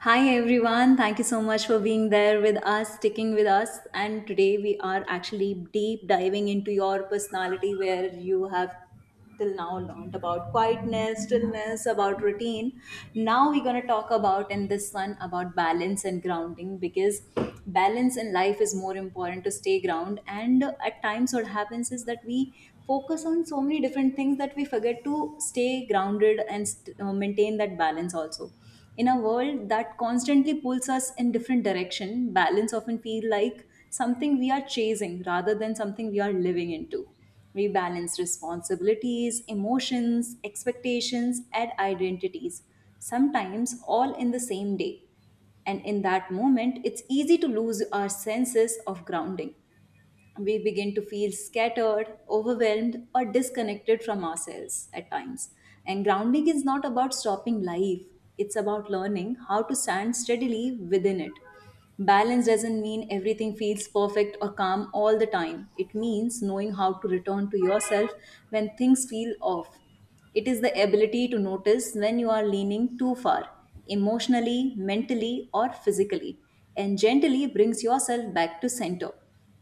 Hi everyone, thank you so much for being there with us, sticking with us. And today we are actually deep diving into your personality where you have till now learned about quietness, stillness, about routine. Now we're going to talk about in this one about balance and grounding because balance in life is more important to stay ground. And at times, what happens is that we focus on so many different things that we forget to stay grounded and maintain that balance also in a world that constantly pulls us in different direction, balance often feels like something we are chasing rather than something we are living into. We balance responsibilities, emotions, expectations, and identities, sometimes all in the same day. And in that moment, it's easy to lose our senses of grounding, we begin to feel scattered, overwhelmed, or disconnected from ourselves at times. And grounding is not about stopping life, it's about learning how to stand steadily within it. Balance doesn't mean everything feels perfect or calm all the time. It means knowing how to return to yourself when things feel off. It is the ability to notice when you are leaning too far, emotionally, mentally, or physically, and gently brings yourself back to center.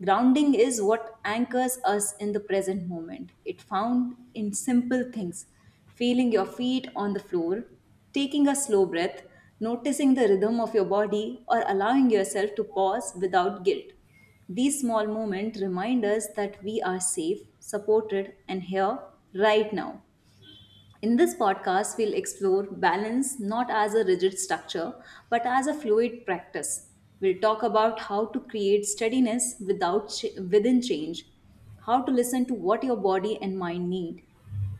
Grounding is what anchors us in the present moment. It found in simple things, feeling your feet on the floor, taking a slow breath, noticing the rhythm of your body, or allowing yourself to pause without guilt. These small moments remind us that we are safe, supported, and here right now. In this podcast, we'll explore balance not as a rigid structure, but as a fluid practice. We'll talk about how to create steadiness without ch- within change, how to listen to what your body and mind need,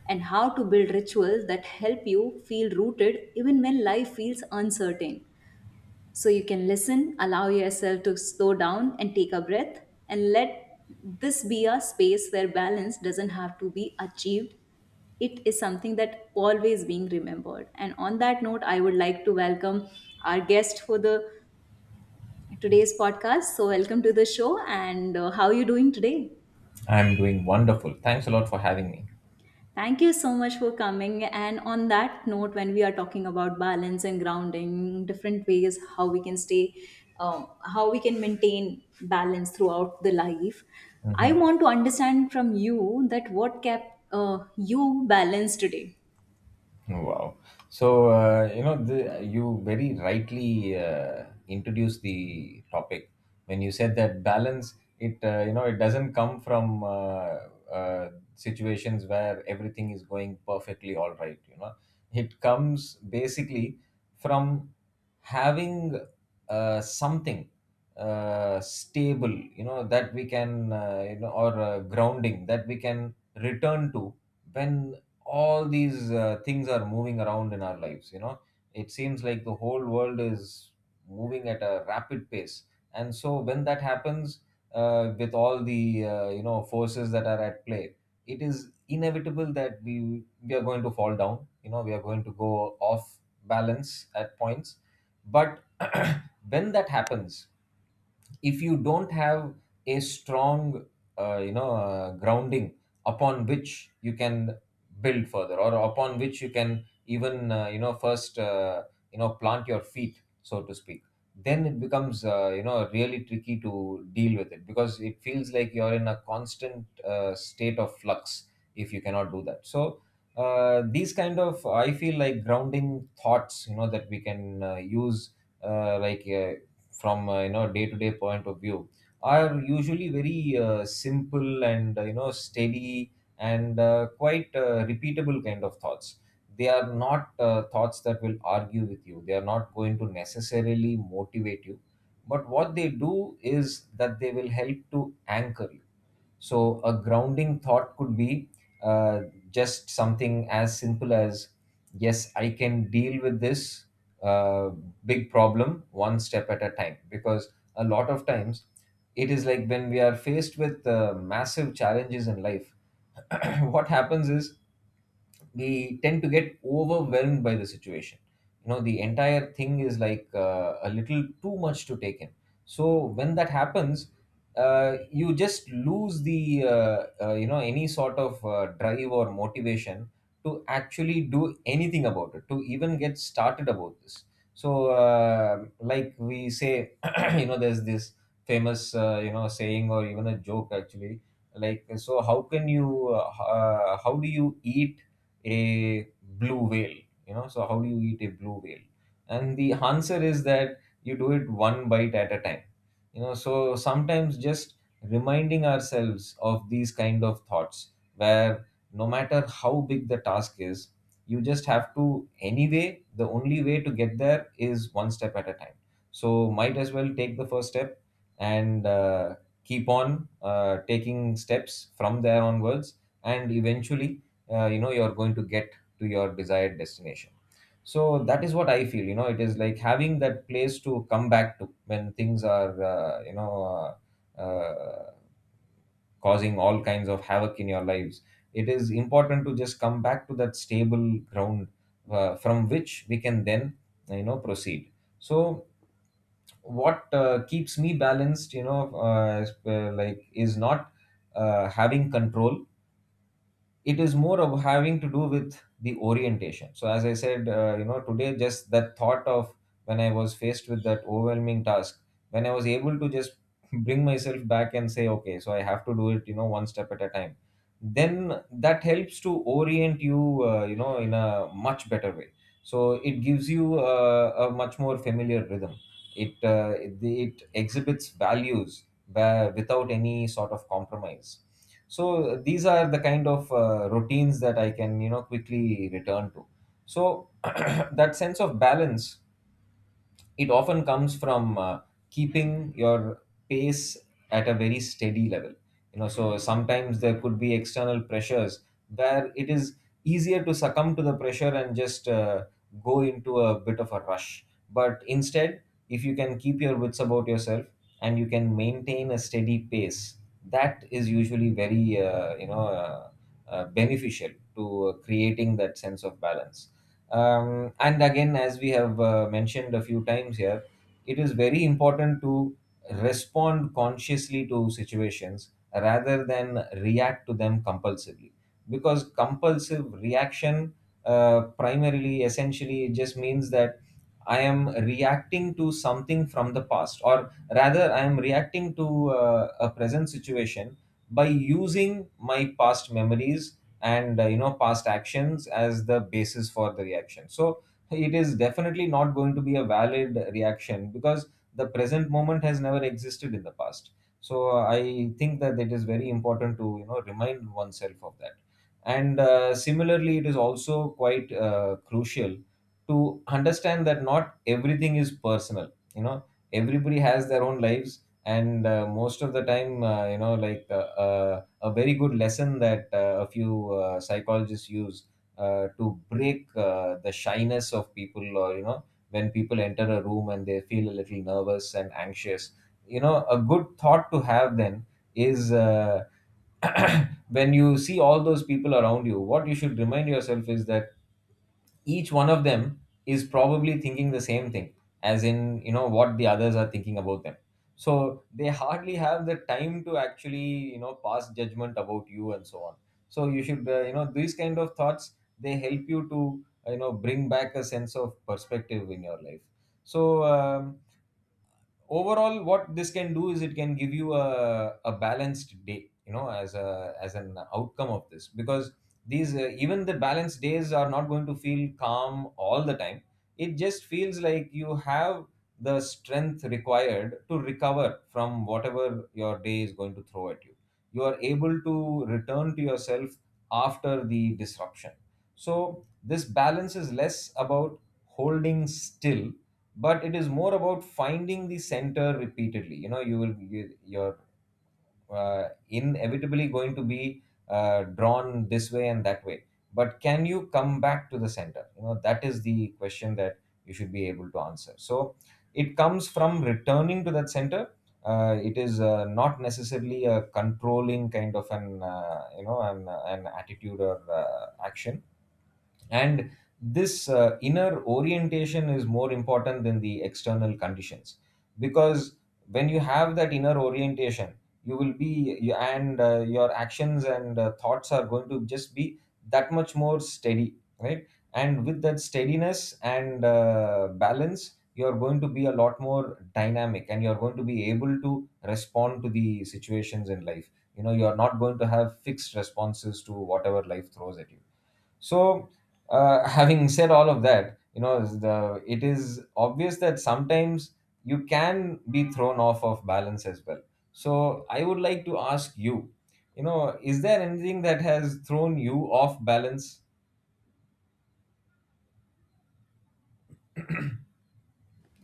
and how to build rituals that help you feel rooted even when life feels uncertain. So you can listen, allow yourself to slow down and take a breath, and let this be a space where balance doesn't have to be achieved. It is something that always being remembered. And on that note, I would like to welcome our guest for the today's podcast. So welcome to the show, and how are you doing today? I'm doing wonderful. Thanks a lot for having me. Thank you so much for coming. And on that note, when we are talking about balance and grounding, different ways how we can stay, how we can maintain balance throughout the life, I Mhm. want to understand from you that what kept you balanced today. Oh, wow. So, you know, you very rightly introduced the topic when you said that balance, you know, it doesn't come from uh, situations where everything is going perfectly all right, you know. It comes basically from having something stable, you know, that we can, you know, or grounding that we can return to when all these things are moving around in our lives. You know, it seems like the whole world is moving at a rapid pace, and so when that happens, with all the you know, forces that are at play, it is inevitable that we are going to fall down. You know, we are going to go off balance at points. But when that happens, if you don't have a strong grounding upon which you can build further, or upon which you can even you know, first you know, plant your feet, so to speak, then it becomes you know, really tricky to deal with it, because it feels like you're in a constant state of flux if you cannot do that. So these kind of, I feel like, grounding thoughts, you know, that we can use, uh, like uh, from you know, day to day point of view, are usually very simple and you know, steady, and quite repeatable kind of thoughts. They are not thoughts that will argue with you. They are not going to necessarily motivate you, but what they do is that they will help to anchor you. So, a grounding thought could be uh, just something as simple as, yes, I can deal with this uh, big problem one step at a time. Because a lot of times, it is like when we are faced with massive challenges in life, what happens is we tend to get overwhelmed by the situation. You know, the entire thing is like a little too much to take in. So when that happens, you just lose the you know, any sort of drive or motivation to actually do anything about it, to even get started about this. So like we say, you know, there's this famous you know, saying, or even a joke actually, like, so how can you how do you eat a blue whale? You know, so how do you eat a blue whale? And the answer is that you do it one bite at a time. You know, so sometimes just reminding ourselves of these kind of thoughts where, no matter how big the task is, you just have to, anyway, the only way to get there is one step at a time. So might as well take the first step and keep on taking steps from there onwards, and eventually you know, you're going to get to your desired destination. So that is what I feel, you know. It is like having that place to come back to when things are causing all kinds of havoc in your lives. It is important to just come back to that stable ground from which we can then, you know, proceed. So what keeps me balanced, you know, is not having control. It is more of having to do with the orientation. So as I said, you know, today, just that thought of, when I was faced with that overwhelming task, when I was able to just bring myself back and say, okay, so I have to do it, you know, one step at a time, then that helps to orient you you know, in a much better way. So it gives you a much more familiar rhythm. It it exhibits values where, without any sort of compromise. So these are the kind of routines that I can, you know, quickly return to. So that sense of balance, it often comes from keeping your pace at a very steady level. You know, so sometimes there could be external pressures where it is easier to succumb to the pressure and just go into a bit of a rush. But instead, if you can keep your wits about yourself and you can maintain a steady pace, that is usually very beneficial to creating that sense of balance. Um, and again, as we have mentioned a few times here, it is very important to respond consciously to situations rather than react to them compulsively. Because compulsive reaction, primarily, essentially, it just means that I am reacting to something from the past, or rather I am reacting to a present situation by using my past memories and you know, past actions as the basis for the reaction. So it is definitely not going to be a valid reaction, because the present moment has never existed in the past. So I think that it is very important to, you know, remind oneself of that. And similarly, it is also quite crucial to understand that not everything is personal. You know, everybody has their own lives, and most of the time, uh, a very good lesson that a few psychologists use to break the shyness of people, or, you know, when people enter a room and they feel a little nervous and anxious, you know, a good thought to have then is when you see all those people around you, what you should remind yourself is that each one of them is probably thinking the same thing, as in, you know, what the others are thinking about them. So they hardly have the time to actually, you know, pass judgment about you and so on. So you should, you know, these kind of thoughts, they help you to you know, bring back a sense of perspective in your life. So overall, what this can do is, it can give you a balanced day, you know, as a, as an outcome of this. Because these even the balanced days are not going to feel calm all the time. It just feels like you have the strength required to recover from whatever your day is going to throw at you. You are able to return to yourself after the disruption. So this balance is less about holding still, but it is more about finding the center repeatedly. You know, you will, you're inevitably going to be drawn this way and that way, but can you come back to the center? You know, that is the question that you should be able to answer. So it comes from returning to that center. It is not necessarily a controlling kind of an, an attitude or action. And this inner orientation is more important than the external conditions, because when you have that inner orientation, you will be, and your actions and thoughts are going to just be that much more steady, right? And with that steadiness and balance, you're going to be a lot more dynamic, and you're going to be able to respond to the situations in life. You know, you're not going to have fixed responses to whatever life throws at you. So, having said all of that, you know, the it is obvious that sometimes you can be thrown off of balance as well. So, I would like to ask you, you know, is there anything that has thrown you off balance?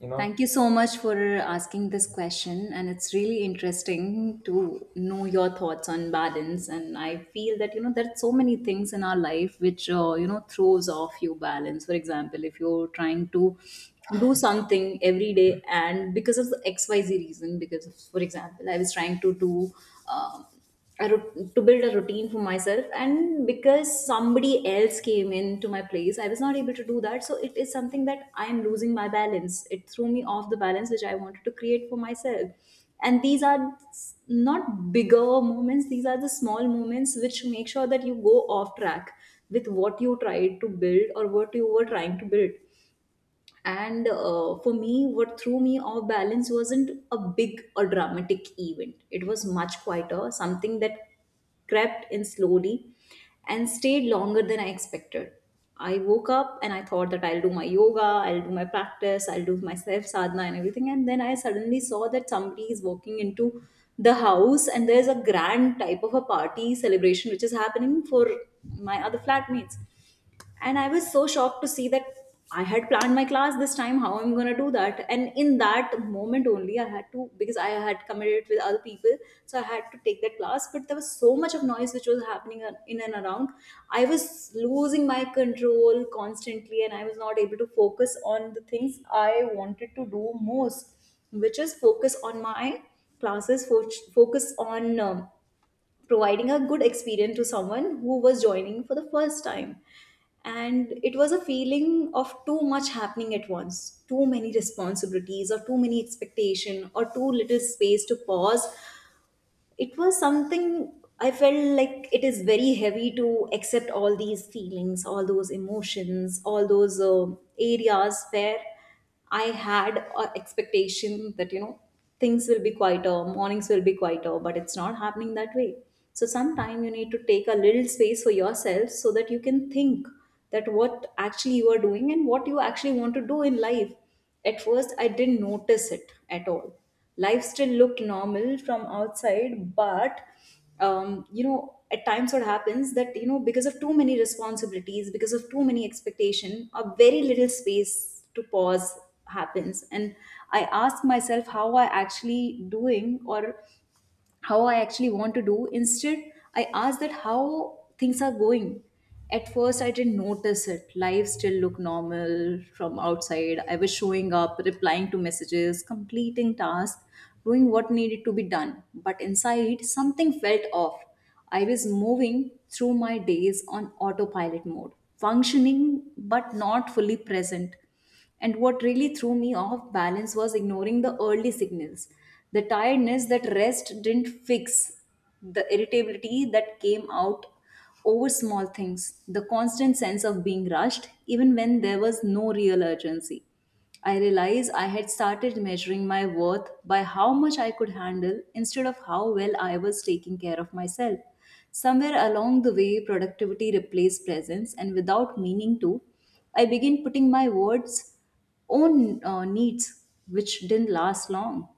You know, Thank you so much for asking this question, and it's really interesting to know your thoughts on balance. And I feel that you know there are so many things in our life which you know throws off your balance. For example, if you're trying to do something every day, and because of XYZ reason, because of, for example, I was trying to do. Um, to build a routine for myself, and because somebody else came into my place, I was not able to do that. So it is something that I am losing my balance, it threw me off the balance which I wanted to create for myself. And these are not bigger moments, these are the small moments which make sure that you go off track with what you tried to build or what you were trying to build. And for me, what threw me off balance wasn't a big or dramatic event. It was much quieter, something that crept in slowly and stayed longer than I expected. I woke up and I thought that I'll do my yoga, I'll do my practice, I'll do my self sadhana and everything, and then I suddenly saw that somebody is walking into the house, and there's a grand type of a party celebration which is happening for my other flatmates. And I was so shocked to see that. I had planned my class, this time how I'm going to do that, and in that moment only I had to, because I had committed with other people. So I had to take that class, but there was so much of noise which was happening in and around. I was losing my control constantly, and I was not able to focus on the things I wanted to do most, which is focus on my classes, focus on providing a good experience to someone who was joining for the first time. And it was a feeling of too much happening at once, too many responsibilities, or too many expectation, or too little space to pause. It was something I felt like it is very heavy to accept, all these feelings, all those emotions, all those areas where I had an expectation that you know things will be quieter, mornings will be quieter, but it's not happening that way. So sometime you need to take a little space for yourself so that you can think that what actually you are doing and what you actually want to do in life. At first, I didn't notice it at all. Life still looked normal from outside, but you know, at times what happens that you know because of too many responsibilities, because of too many expectation, a very little space to pause happens, and I ask myself how I actually doing, or how I actually want to do. Instead, I asked that how things are going. At first, I didn't notice it. Life still looked normal from outside. I was showing up, replying to messages, completing tasks, doing what needed to be done. But inside, something felt off. I was moving through my days on autopilot mode, functioning but not fully present. And what really threw me off balance was ignoring the early signals, the tiredness that rest didn't fix, the irritability that came out over small things, the constant sense of being rushed, even when there was no real urgency. I realized I had started measuring my worth by how much I could handle instead of how well I was taking care of myself. Somewhere along the way, productivity replaced presence, and without meaning to, I began putting my words on needs, which didn't last long.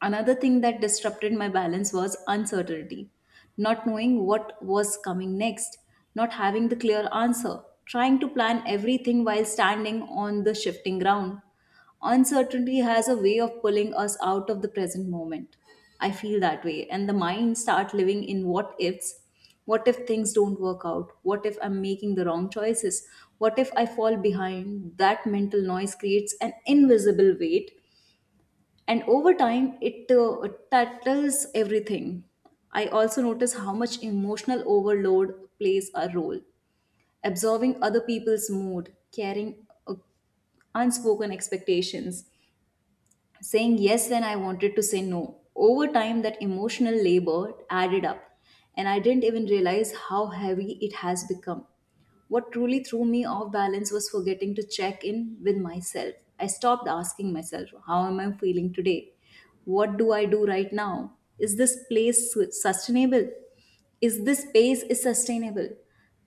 Another thing that disrupted my balance was uncertainty, not knowing what was coming next, not having the clear answer, trying to plan everything while standing on the shifting ground. Uncertainty has a way of pulling us out of the present moment. I feel that way, and the mind start living in what ifs. What if things don't work out? What if I'm making the wrong choices? What if I fall behind? That mental noise creates an invisible weight, and over time it tackles everything. I also notice how much emotional overload plays a role, absorbing other people's mood, carrying uh, unspoken expectations, saying yes when I wanted to say no. Over time, that emotional labor added up, and I didn't even realize how heavy it has become. What truly threw me off balance was forgetting to check in with myself. I stopped asking myself, how am I feeling today? What do I do right now? Is this place sustainable? Is this pace is sustainable.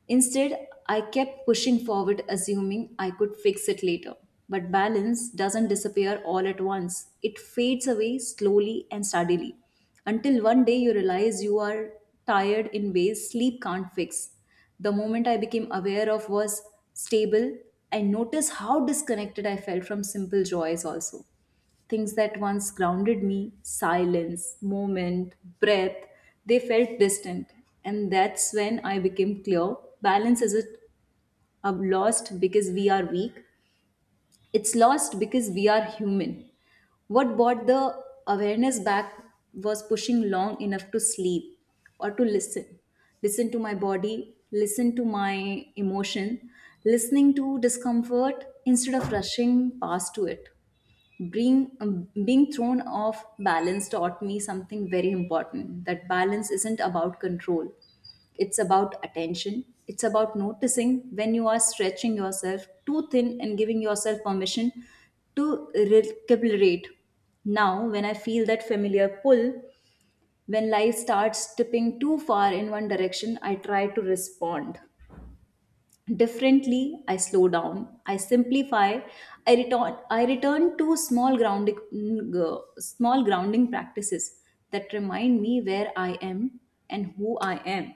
Instead, I kept pushing forward, assuming I could fix it later. But balance doesn't disappear all at once, it fades away slowly and steadily until one day you realize you are tired in ways sleep can't fix. The moment I became aware of was stable, I noticed how disconnected I felt from simple joys also. Things that once grounded me, silence, moment, breath, they felt distant. And that's when I became clear, balance isn't lost because we are weak, it's lost because we are human. What brought the awareness back was pushing long enough to sleep or to listen. Listen to my body, listen to my emotion, listening to discomfort instead of rushing past to it. Being being thrown off balance taught me something very important, that balance isn't about control, it's about attention, it's about noticing when you are stretching yourself too thin and giving yourself permission to recalibrate. Now when I feel that familiar pull, when life starts tipping too far in one direction, I try to respond differently. I slow down, I simplify, I return to small grounding practices that remind me where I am and who I am.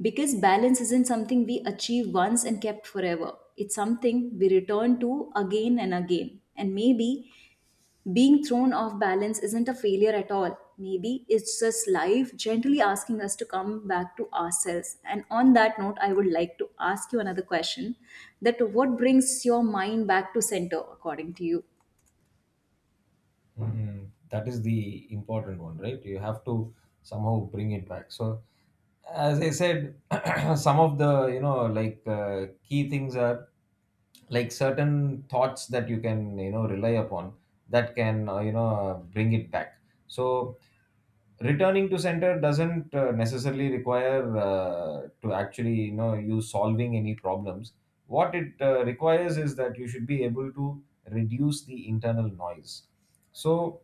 Because balance isn't something we achieve once and kept forever, it's something we return to again and again. And maybe being thrown off balance isn't a failure at all. Maybe it's just life gently asking us to come back to ourselves. And on that note, I would like to ask you another question, that what brings your mind back to center according to you? mhm, that is the important one, right? You have to somehow bring it back. So, as I said, some of the, you know, like key things are like certain thoughts that you can, you know, rely upon, that can bring it back. So returning to center doesn't necessarily require to actually, you know, you solving any problems. What it requires is that you should be able to reduce the internal noise. So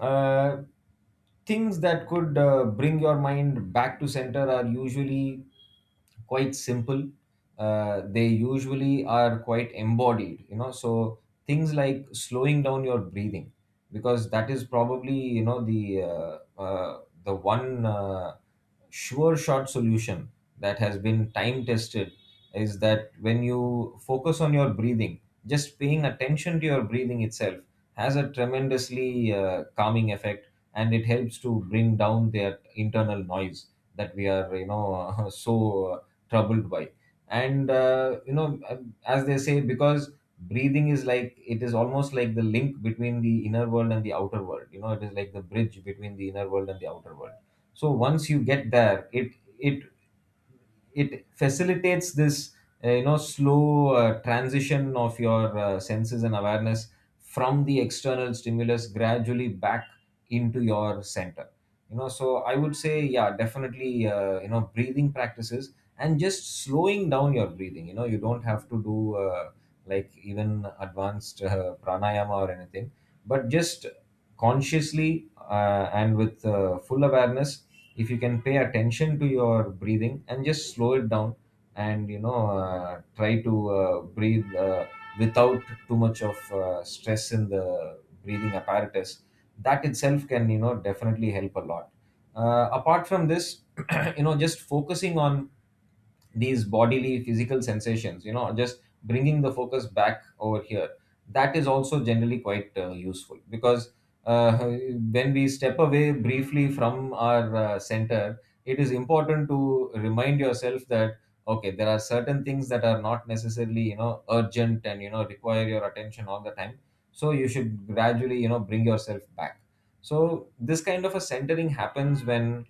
uh, things that could bring your mind back to center are usually quite simple. They usually are quite embodied, you know. So things like slowing down your breathing, because that is probably the one sure shot solution that has been time tested. Is that when you focus on your breathing, just paying attention to your breathing itself has a tremendously calming effect, and it helps to bring down that internal noise that we are so troubled by. And as they say, because breathing is like, it is almost like the link between the inner world and the outer world. You know, it is like the bridge between the inner world and the outer world. So once you get there, it it facilitates this slow transition of your senses and awareness from the external stimulus gradually back into your center. You know, so I would say, yeah, definitely, breathing practices and just slowing down your breathing. You know, you don't have to do like even advanced pranayama or anything, but just consciously and with full awareness, if you can pay attention to your breathing and just slow it down. And try to breathe without too much of stress in the breathing apparatus, that itself can definitely help a lot. Apart from this, just focusing on these bodily physical sensations, just bringing the focus back over here, that is also generally quite useful. Because uh, when we step away briefly from our center, it is important to remind yourself that okay, there are certain things that are not necessarily urgent and require your attention all the time. So you should gradually bring yourself back. So this kind of a centering happens when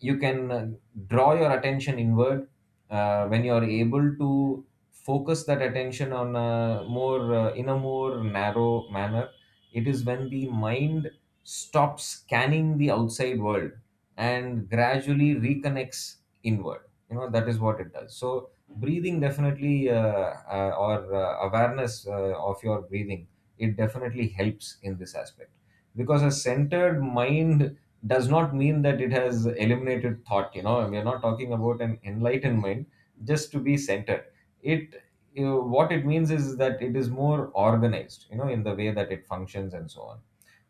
you can draw your attention inward, when you are able to focus that attention on a more in a more narrow manner. It is when the mind stops scanning the outside world and gradually reconnects inward. You know, that is what it does. So breathing definitely or awareness of your breathing, it definitely helps in this aspect. Because a centered mind does not mean that it has eliminated thought. You know, we are not talking about an enlightened mind, just to be centered. It, what it means is that it is more organized, in the way that it functions and so on.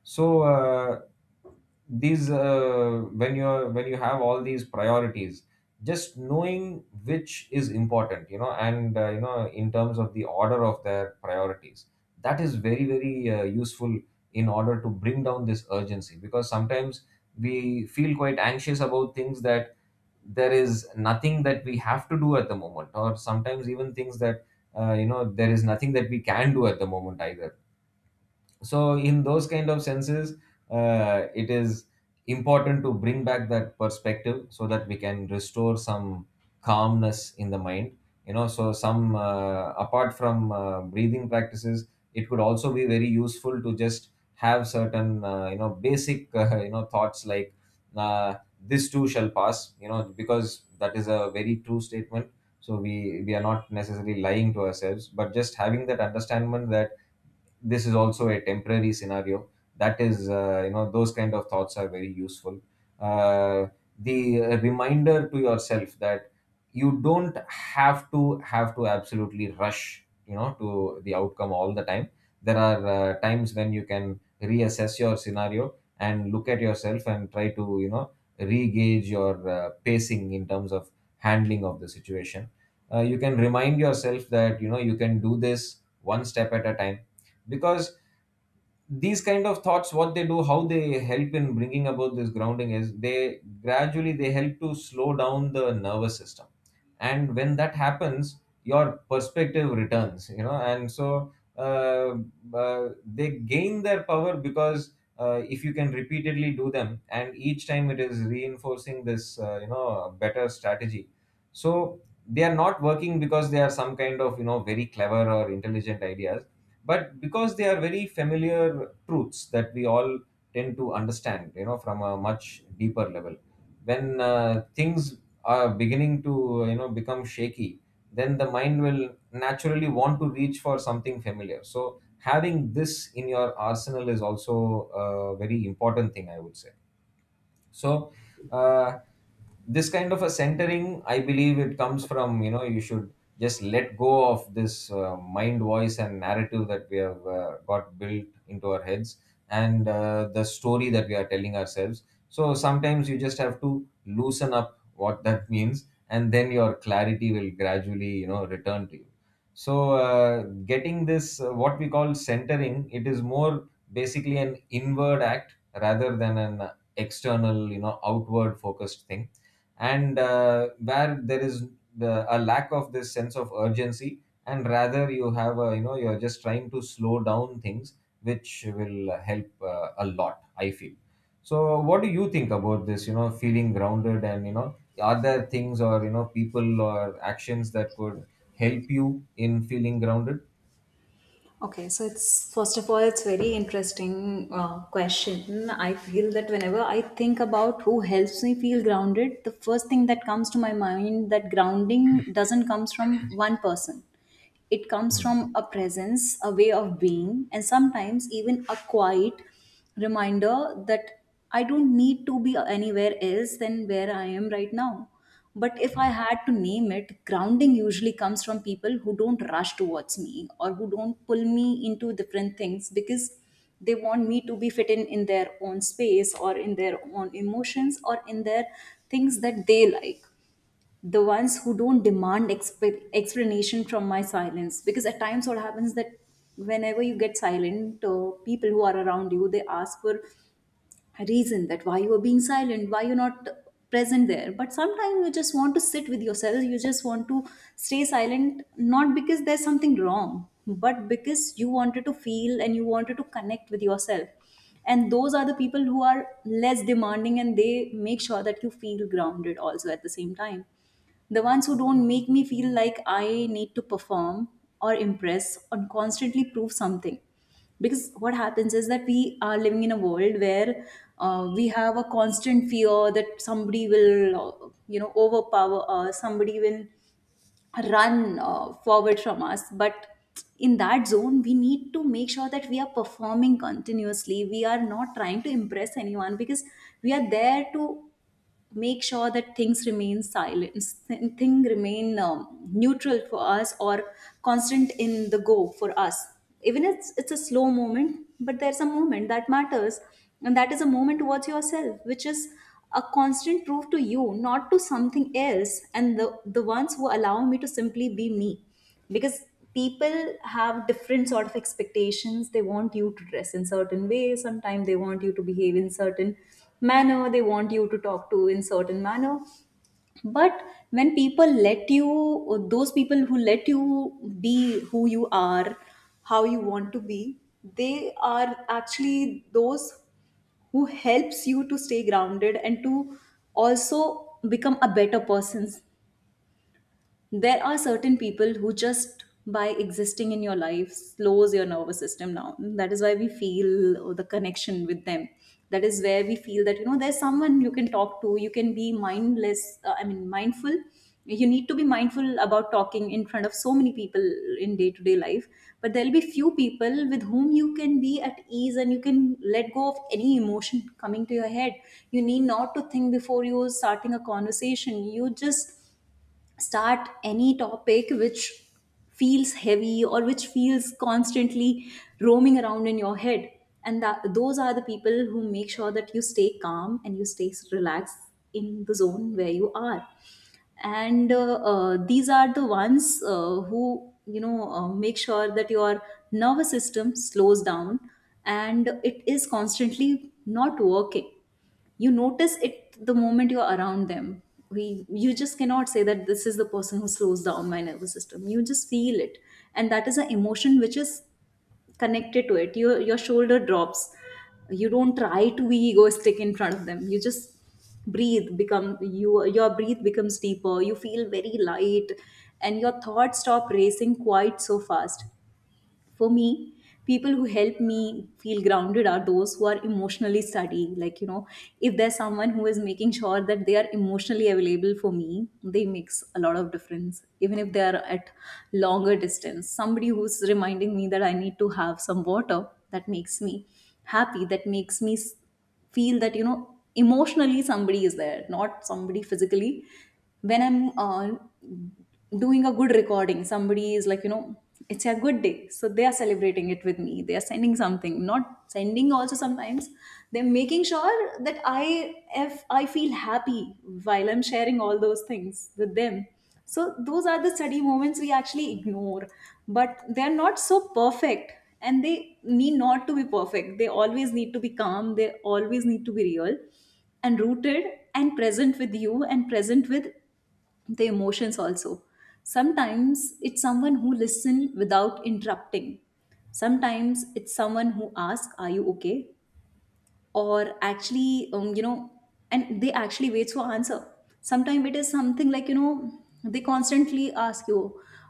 So these when you have all these priorities, just knowing which is important, and in terms of the order of their priorities, that is very very useful in order to bring down this urgency. Because sometimes we feel quite anxious about things that there is nothing that we have to do at the moment, or sometimes even things that there is nothing that we can do at the moment either. So in those kind of senses, it is important to bring back that perspective, so that we can restore some calmness in the mind. You know, so some apart from breathing practices, it could also be very useful to just have certain basic thoughts like uh, this too shall pass. You know, because that is a very true statement. So we are not necessarily lying to ourselves, but just having that understandment that this is also a temporary scenario. That is, those kind of thoughts are very useful. uh, the reminder to yourself that you don't have to absolutely rush to the outcome all the time. There are times when you can reassess your scenario and look at yourself and try to re-gauge your pacing in terms of handling of the situation. You can remind yourself that you can do this one step at a time. Because these kind of thoughts, what they do, how they help in bringing about this grounding, is they help to slow down the nervous system. And when that happens, your perspective returns. You know, and so uh, they gain their power. Because if you can repeatedly do them, and each time it is reinforcing this better strategy. So they are not working because they are some kind of very clever or intelligent ideas, but because they are very familiar truths that we all tend to understand, from a much deeper level. When things are beginning to become shaky, then the mind will naturally want to reach for something familiar. So having this in your arsenal is also a very important thing, I would say. So uh, this kind of a centering, I believe it comes from, you should just let go of this mind voice and narrative that we have got built into our heads, and the story that we are telling ourselves. So sometimes you just have to loosen up what that means, and then your clarity will gradually return to you. So getting this what we call centering, it is more basically an inward act rather than an external, outward focused thing. And where there is a lack of this sense of urgency, and rather you have a, you're just trying to slow down things, which will help a lot, I feel. So what do you think about this, feeling grounded, and are there things or people or actions that could help you in feeling grounded? Okay, so it's first of all, it's very interesting question. I feel that whenever I think about who helps me feel grounded, the first thing that comes to my mind that grounding doesn't comes from one person. It comes from a presence, a way of being, and sometimes even a quiet reminder that I don't need to be anywhere else than where I am right now. But if I had to name it, grounding usually comes from people who don't rush towards me or who don't pull me into different things because they want me to be fit in their own space or in their own emotions or in their things that they like, the ones who don't demand explanation from my silence, because at times what happens that whenever you get silent, people who are around you, they ask for reason that why you are being silent, why you're not present there. But sometimes you just want to sit with yourself, you just want to stay silent, not because there's something wrong, but because you wanted to feel and you wanted to connect with yourself. And those are the people who are less demanding and they make sure that you feel grounded also. At the same time, the ones who don't make me feel like I need to perform or impress or constantly prove something, because what happens is that we are living in a world where, we have a constant fear that somebody will, you know, overpower us, somebody will run, forward from us. But in that zone we need to make sure that we are performing continuously, we are not trying to impress anyone, because we are there to make sure that things remain silent, thing remain neutral for us or constant in the go for us. Even if it's a slow moment, but there's a moment that matters, and that is a moment towards yourself, which is a constant proof to you, not to something else. And the ones who allow me to simply be me, because people have different sort of expectations. They want you to dress in certain way, sometimes they want you to behave in certain manner, they want you to talk to in certain manner. But when people let you, or those people who let you be who you are, how you want to be, they are actually those who helps you to stay grounded and to also become a better person. There are certain people who just by existing in your life slows your nervous system down. That is why we feel the connection with them. That is where we feel that, you know, there's someone you can talk to, you can be mindless, I mean mindful. You need to be mindful about talking in front of so many people in day to day life, but there'll be few people with whom you can be at ease and you can let go of any emotion coming to your head. You need not to think before you starting a conversation, you just start any topic which feels heavy or which feels constantly roaming around in your head. And that those are the people who make sure that you stay calm and you stay relaxed in the zone where you are. And these are the ones, who, you know, make sure that your nervous system slows down and it is constantly not working. You notice it the moment you're around them. We You just cannot say that this is the person who slows down my nervous system, you just feel it. And that is an emotion which is connected to it. Your shoulder drops, you don't try to be egoistic in front of them, you just breathe become you your breathe becomes deeper, you feel very light, and your thoughts stop racing quite so fast. For me, people who help me feel grounded are those who are emotionally steady, like, you know, if there's someone who is making sure that they are emotionally available for me, they makes a lot of difference, even if they are at longer distance. Somebody who's reminding me that I need to have some water, that makes me happy, that makes me feel that, you know, emotionally somebody is there, not somebody physically. When I'm, doing a good recording, somebody is like, you know, it's a good day, so they are celebrating it with me, they are sending something, not sending, also sometimes they're making sure that I, if I feel happy while I'm sharing all those things with them. So those are the study moments we actually ignore, but they're not so perfect, and they need not to be perfect. They always need to be calm, they always need to be real and rooted and present with you and present with the emotions also. Sometimes it's someone who listen without interrupting. Sometimes it's someone who asks, are you okay? Or actually, you know, and they actually wait for answer. Sometimes it is something like, you know, they constantly ask you,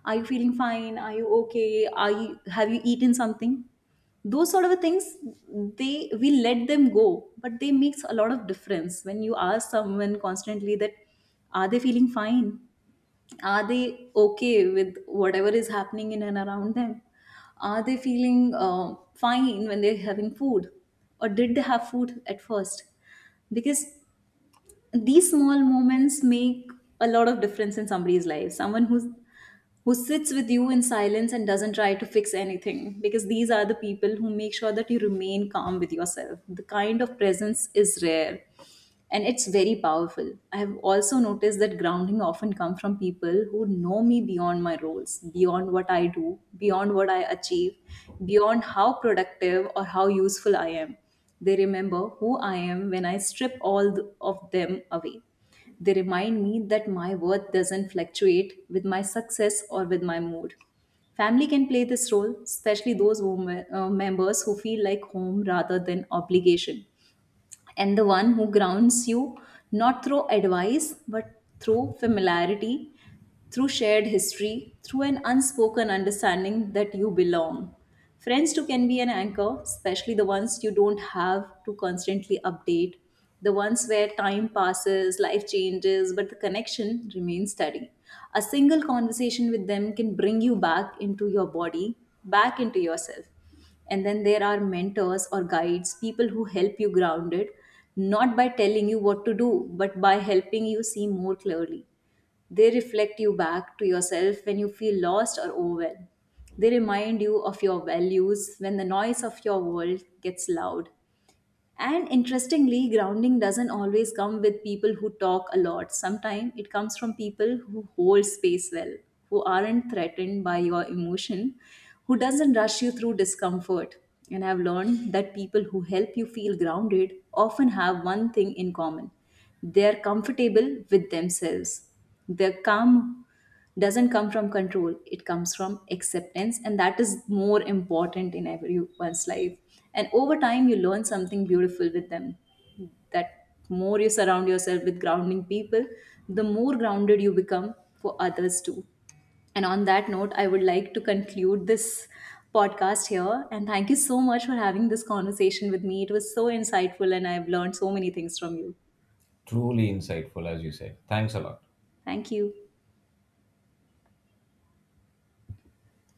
are you feeling fine, are you okay, are you, have you eaten something, those sort of things. They, we let them go, but they makes a lot of difference when you ask someone constantly that are they feeling fine, are they okay with whatever is happening in and around them? Are they feeling, fine when they're having food? Or did they have food at first? Because these small moments make a lot of difference in somebody's life. Someone who's Who sits with you in silence and doesn't try to fix anything, because these are the people who make sure that you remain calm with yourself. The kind of presence is rare and it's very powerful. I have also noticed that grounding often comes from people who know me beyond my roles, beyond what I do, beyond what I achieve, beyond how productive or how useful I am. They remember who I am when I strip all of them away. They remind me that my worth doesn't fluctuate with my success or with my mood. Family can play this role, especially those members who feel like home rather than obligation, and the one who grounds you not through advice but through familiarity, through shared history, through an unspoken understanding that you belong. Friends too can be an anchor, especially the ones you don't have to constantly update, the ones where time passes, life changes, but the connection remains steady. A single conversation with them can bring you back into your body, back into yourself. And then there are mentors or guides, people who help you grounded not by telling you what to do, but by helping you see more clearly. They reflect you back to yourself when you feel lost or overwhelmed, they remind you of your values when the noise of your world gets loud. And interestingly, grounding doesn't always come with people who talk a lot. Sometimes it comes from people who hold space well, who aren't threatened by your emotion, who doesn't rush you through discomfort. And I've learned that people who help you feel grounded often have one thing in common. They're comfortable with themselves. They're calm doesn't come from control, it comes from acceptance, and that is more important in everyone's life. And over time you learn something beautiful with them, that more you surround yourself with grounding people, the more grounded you become for others too. And on that note, I would like to conclude this podcast here, and thank you so much for having this conversation with me. It was so insightful and I've learned so many things from you. Truly insightful, as you said. Thanks a lot. Thank you.